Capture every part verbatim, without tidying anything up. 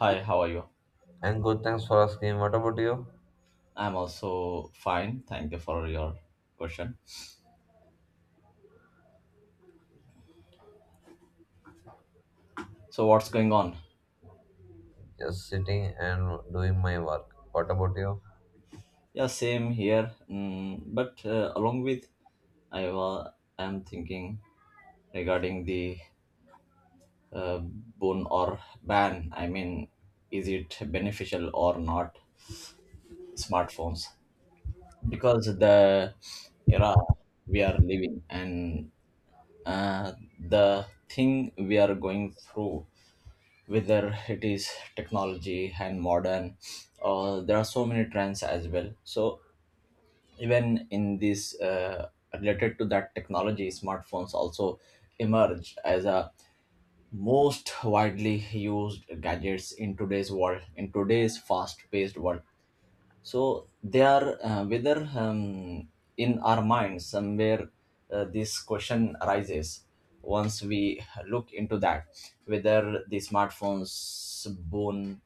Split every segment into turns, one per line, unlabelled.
Hi, how are you?
And good, thanks for asking. What about you?
I'm also fine. Thank you for your question. So, what's going on?
Just sitting and doing my work. What about you?
Yeah, same here. Mm, but uh, along with, I wa- am thinking regarding the uh, boon or ban. I mean, is it beneficial or not? Smartphones, because the era we are living and uh, the thing we are going through whether it is technology and modern, uh, there are so many trends as well, so even in this uh, related to that technology, smartphones also emerge as a most widely used gadgets in today's world, in today's fast paced world. So they are uh, whether um, in our mind somewhere uh, this question arises once we look into that whether the smartphones boon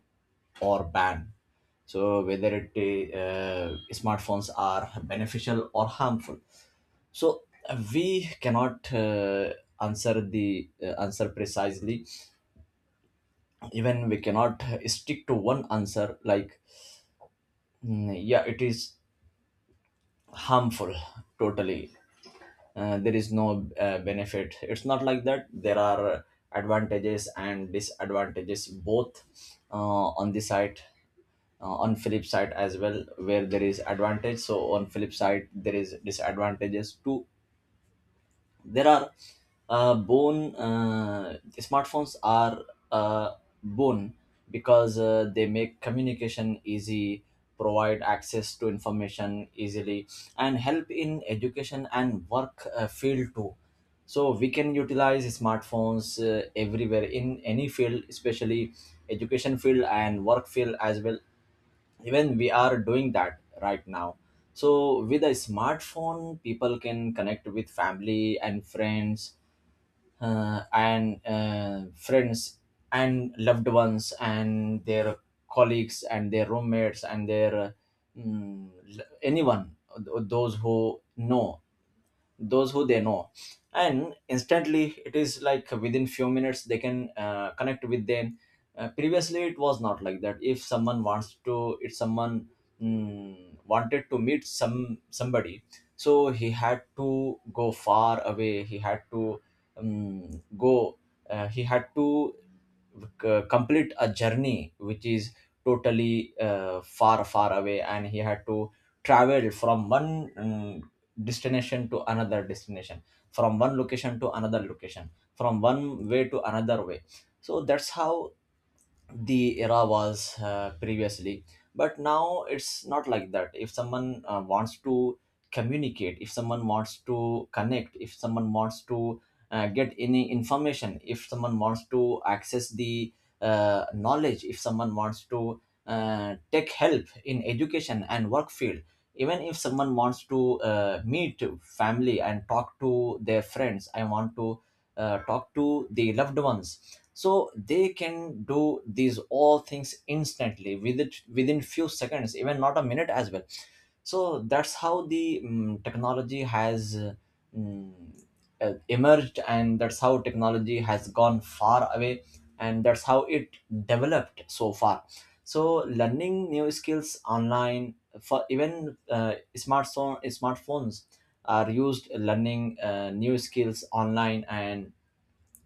or ban. So whether it uh, smartphones are beneficial or harmful. So uh, we cannot uh, answer the uh, answer precisely. Even we cannot uh, stick to one answer like mm, yeah, it is harmful totally. Uh, there is no uh, benefit. It's not like that. There are advantages and disadvantages both, uh, on the side, uh, on flip side as well. Where there is advantage, so on flip side there is disadvantages too. There are uh, bone uh, smartphones are uh, bone because uh, they make communication easy, provide access to information easily, and help in education and work uh, field too. So we can utilize smartphones uh, everywhere in any field, especially education field and work field as well. Even we are doing that right now. So with a smartphone, people can connect with family and friends, uh, and uh, friends and loved ones and their colleagues and their roommates and their uh, mm, l- anyone th- those who know, those who they know, and instantly, it is like within few minutes they can uh, connect with them. Uh, previously it was not like that. If someone wants to, if someone mm, wanted to meet some somebody, so he had to go far away. He had to um, go, uh, he had to c- complete a journey which is totally uh, far far away, and he had to travel from one mm, destination to another destination, from one location to another location, from one way to another way. So that's how the era was uh, previously. But now it's not like that. If someone uh, wants to communicate, if someone wants to connect, if someone wants to uh, get any information, if someone wants to access the uh, knowledge, if someone wants to uh, take help in education and work field, even if someone wants to uh, meet family and talk to their friends, I want to uh, talk to the loved ones, so they can do these all things instantly within, within few seconds, even not a minute as well. So that's how the mm technology has mm, uh, emerged, and that's how technology has gone far away, and that's how it developed so far. So learning new skills online, for even uh, smartphone smartphones are used learning uh, new skills online, and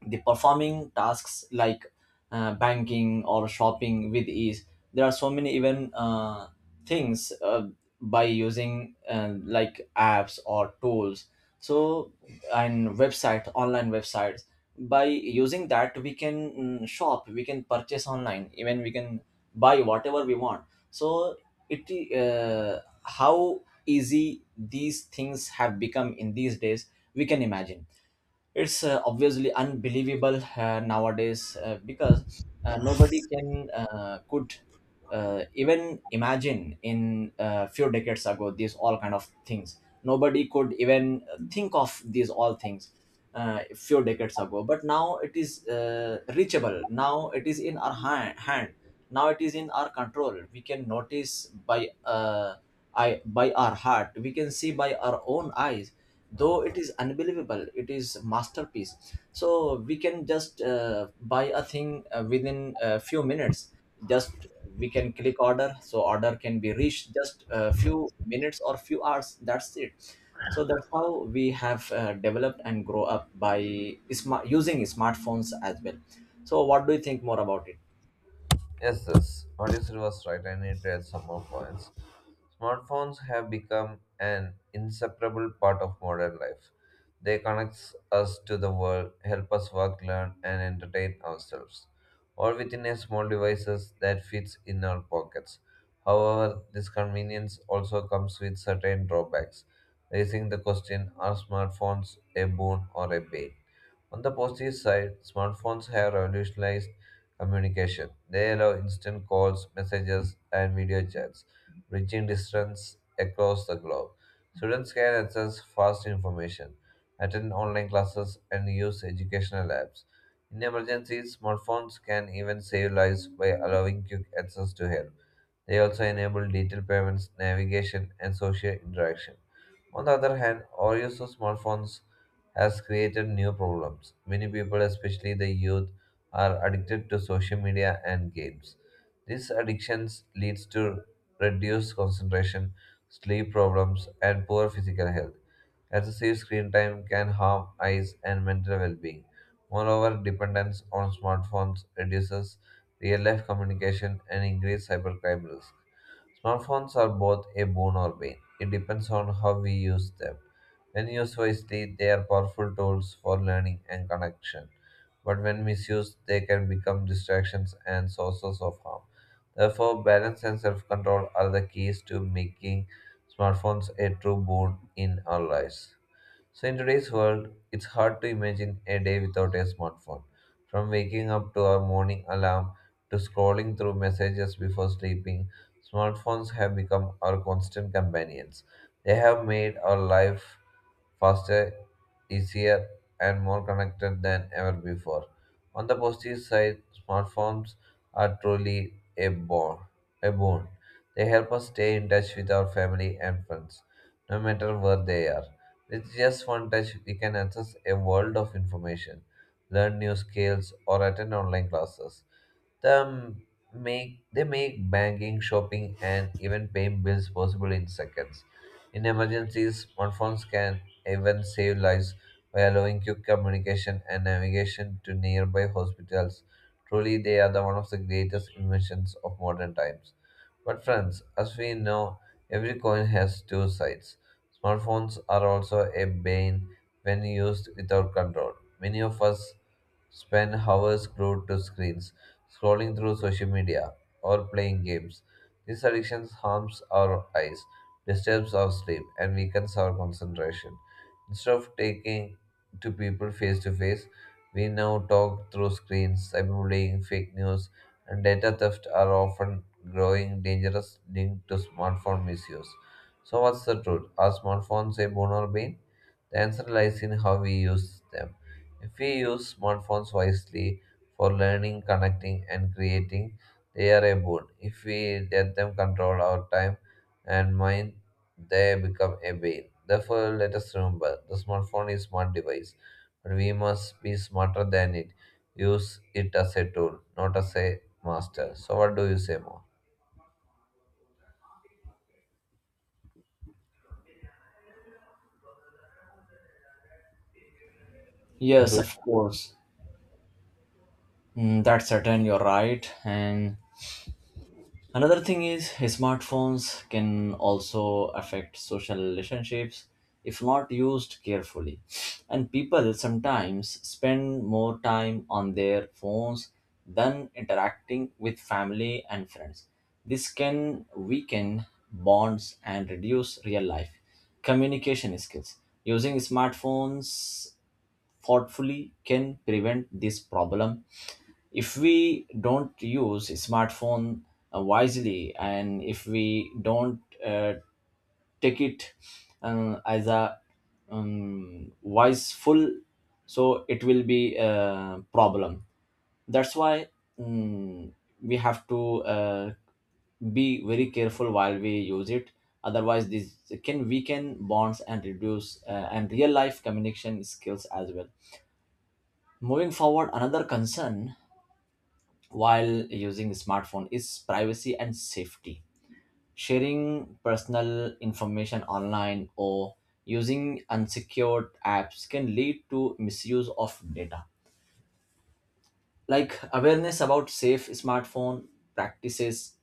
the performing tasks like uh, banking or shopping with ease. There are so many even uh, things uh, by using uh, like apps or tools. So and website, online websites, by using that we can mm, shop, we can purchase online, even we can buy whatever we want. So it, uh, how easy these things have become in these days, we can imagine. It's uh, obviously unbelievable uh, nowadays, uh, because uh, nobody can uh, could uh, even imagine in a few decades ago these all kind of things. Nobody could even think of these all things uh, a few decades ago. But now it is uh, reachable, now it is in our hand, hand, now it is in our control. We can notice by uh, I, by our heart, we can see by our own eyes. Though it is unbelievable, it is masterpiece. So we can just uh, buy a thing uh, within a few minutes. Just we can click order, so order can be reached just a few minutes or few hours, that's it. So that's how we have uh, developed and grow up by smart using smartphones as well. So what do you think more about it?
Yes, yes. What you said was right. I need to add some more points. Smartphones have become an inseparable part of modern life. They connect us to the world, help us work, learn, and entertain ourselves, all within a small devices that fits in our pockets. However, this convenience also comes with certain drawbacks, raising the question: Are smartphones a boon or a bane? On the positive side, smartphones have revolutionized communication. They allow instant calls, messages, and video chats, reaching distance across the globe. Students can access fast information, attend online classes, and use educational apps. In emergencies, smartphones can even save lives by allowing quick access to help. They also enable digital payments, navigation, and social interaction. On the other hand, overuse of smartphones has created new problems. Many people, especially the youth, are addicted to social media and games. These addictions leads to reduced concentration, sleep problems, and poor physical health. Excessive screen time can harm eyes and mental well-being. Moreover, dependence on smartphones reduces real-life communication and increases cybercrime risk. Smartphones are both a boon or bane. It depends on how we use them. When used wisely, they are powerful tools for learning and connection. But when misused, they can become distractions and sources of harm. Therefore, balance and self control are the keys to making smartphones a true boon in our lives. So, in today's world, it's hard to imagine a day without a smartphone. From waking up to our morning alarm to scrolling through messages before sleeping, smartphones have become our constant companions. They have made our life faster, easier, and more connected than ever before. On the positive side, smartphones are truly a boon. A boon. They help us stay in touch with our family and friends, no matter where they are. With just one touch, we can access a world of information, learn new skills, or attend online classes. The make they make banking, shopping, and even paying bills possible in seconds. In emergencies, smartphones can even save lives by allowing quick communication and navigation to nearby hospitals. Truly, they are the one of the greatest inventions of modern times. But friends, as we know, every coin has two sides. Smartphones are also a bane when used without control. Many of us spend hours glued to screens scrolling through social media, or playing games. This addiction harms our eyes, disturbs our sleep, and weakens our concentration. Instead of taking to people face to face, we now talk through screens, cyberbullying, fake news, and data theft are often growing dangerous linked to smartphone misuse. So, what's the truth? Are smartphones a boon or bane? The answer lies in how we use them. If we use smartphones wisely for learning, connecting, and creating, they are a boon. If we let them control our time and mind, they become a bane. Therefore, let us remember the smartphone is smart device, but we must be smarter than it. Use it as a tool, not as a master. So, what do you say more? So,
Yes,
do
of course. Mm, that's certain, you're right. And another thing is, smartphones can also affect social relationships if not used carefully. And people sometimes spend more time on their phones than interacting with family and friends. This can weaken bonds and reduce real life communication skills. Using smartphones thoughtfully can prevent this problem. If we don't use smartphone uh, wisely, and if we don't uh, take it uh, as a um, wiseful, so it will be a problem. That's why, mm, we have to uh, be very careful while we use it. Otherwise, this can weaken bonds and reduce uh, and real life communication skills as well. Moving forward, another concern while using smartphone is privacy and safety. Sharing personal information online or using unsecured apps can lead to misuse of data. Like, awareness about safe smartphone practices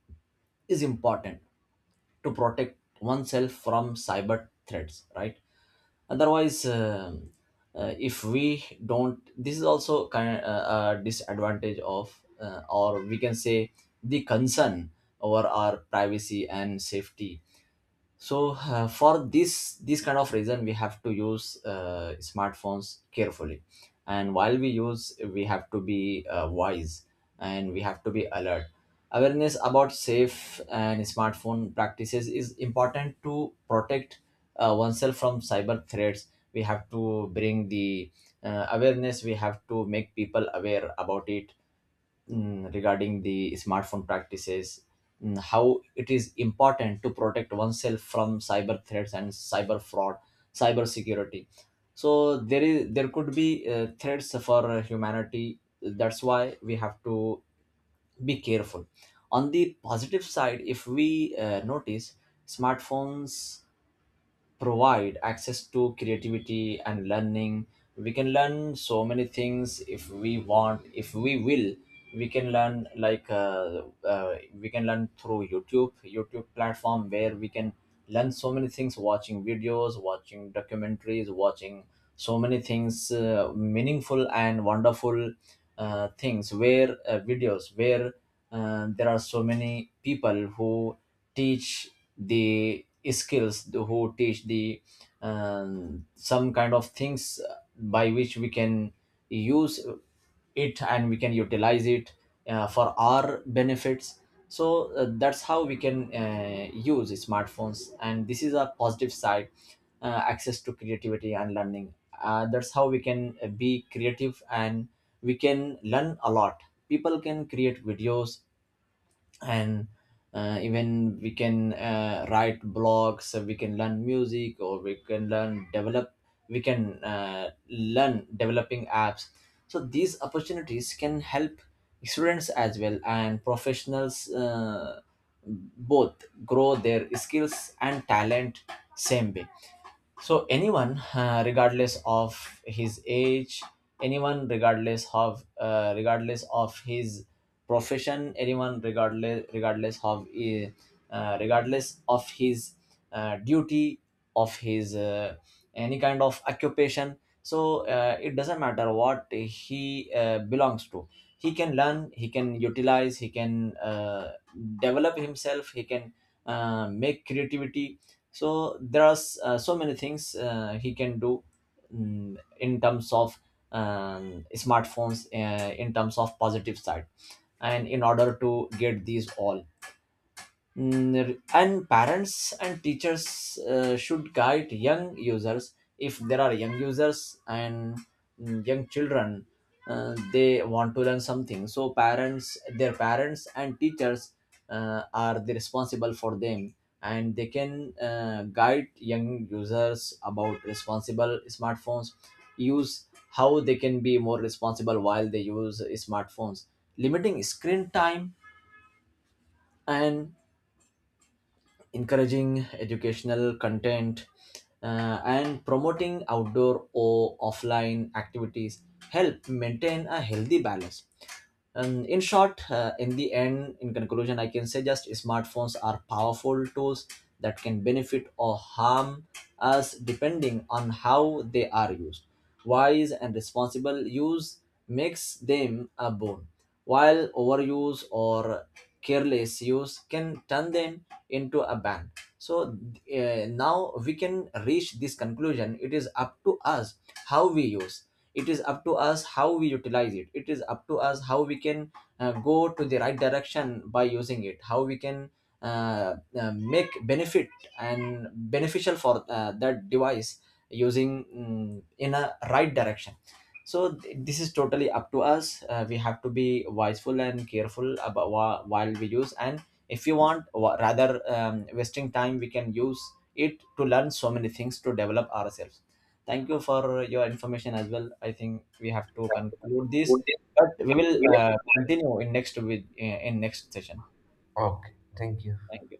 is important to protect oneself from cyber threats, right? Otherwise, um, uh, if we don't, this is also kind uh, a disadvantage of, uh, or we can say, the concern over our privacy and safety. So uh, for this, this kind of reason, we have to use uh, smartphones carefully. And while we use, we have to be uh, wise, and we have to be alert. Awareness about safe and smartphone practices is important to protect uh, oneself from cyber threats. We have to bring the uh, awareness, we have to make people aware about it, mm, regarding the smartphone practices, mm, how it is important to protect oneself from cyber threats and cyber fraud, cyber security. So there is, there could be uh, threats for uh, humanity. That's why we have to be careful. On the positive side, if we uh, notice, smartphones provide access to creativity and learning. We can learn so many things if we want, if we will. We can learn like, uh, uh, we can learn through youtube youtube platform, where we can learn so many things, watching videos, watching documentaries, watching so many things, uh, meaningful and wonderful uh, things, where uh, videos, where uh, there are so many people who teach the skills, the- who teach the um, some kind of things by which we can use it and we can utilize it uh, for our benefits. So uh, that's how we can uh, use smartphones, and this is a positive side, uh, access to creativity and learning. Uh, that's how we can uh, be creative, and we can learn a lot. People can create videos, and uh, even we can uh, write blogs, uh, we can learn music, or we can learn develop, we can uh, learn developing apps. So these opportunities can help students as well and professionals, uh, both grow their skills and talent same way. So anyone uh, regardless of his age, anyone regardless of, uh, regardless of his profession, anyone regardless regardless of, uh, uh, regardless of his uh, duty, of his uh, any kind of occupation. So uh, it doesn't matter what he uh, belongs to, he can learn, he can utilize, he can uh, develop himself, he can uh, make creativity. So there are s- uh, so many things uh, he can do, mm, in terms of um, smartphones, uh, in terms of positive side. And in order to get these all, Mm, and parents and teachers uh, should guide young users. If there are young users and mm, young children uh, they want to learn something, so parents, their parents and teachers uh, are the responsible for them, and they can uh, guide young users about responsible smartphones use, how they can be more responsible while they use smartphones. Limiting screen time, and encouraging educational content, uh, and promoting outdoor or offline activities help maintain a healthy balance. And in short, uh, in the end, in conclusion, I can say, just smartphones are powerful tools that can benefit or harm us depending on how they are used. Wise and responsible use makes them a boon, while overuse or careless use can turn them into a ban. So uh, now we can reach this conclusion. It is up to us how we use, it is up to us how we utilize it, it is up to us how we can uh, go to the right direction by using it, how we can uh, uh, make benefit and beneficial for uh, that device using, mm, in a right direction. So th- this is totally up to us. Uh, we have to be wiseful and careful about wha- while we use. And if you want wa- rather um, wasting time, we can use it to learn so many things, to develop ourselves. Thank you for your information as well. I think we have to conclude this, but we will uh, continue in next with uh, in next session.
Okay. Thank you.
Thank you.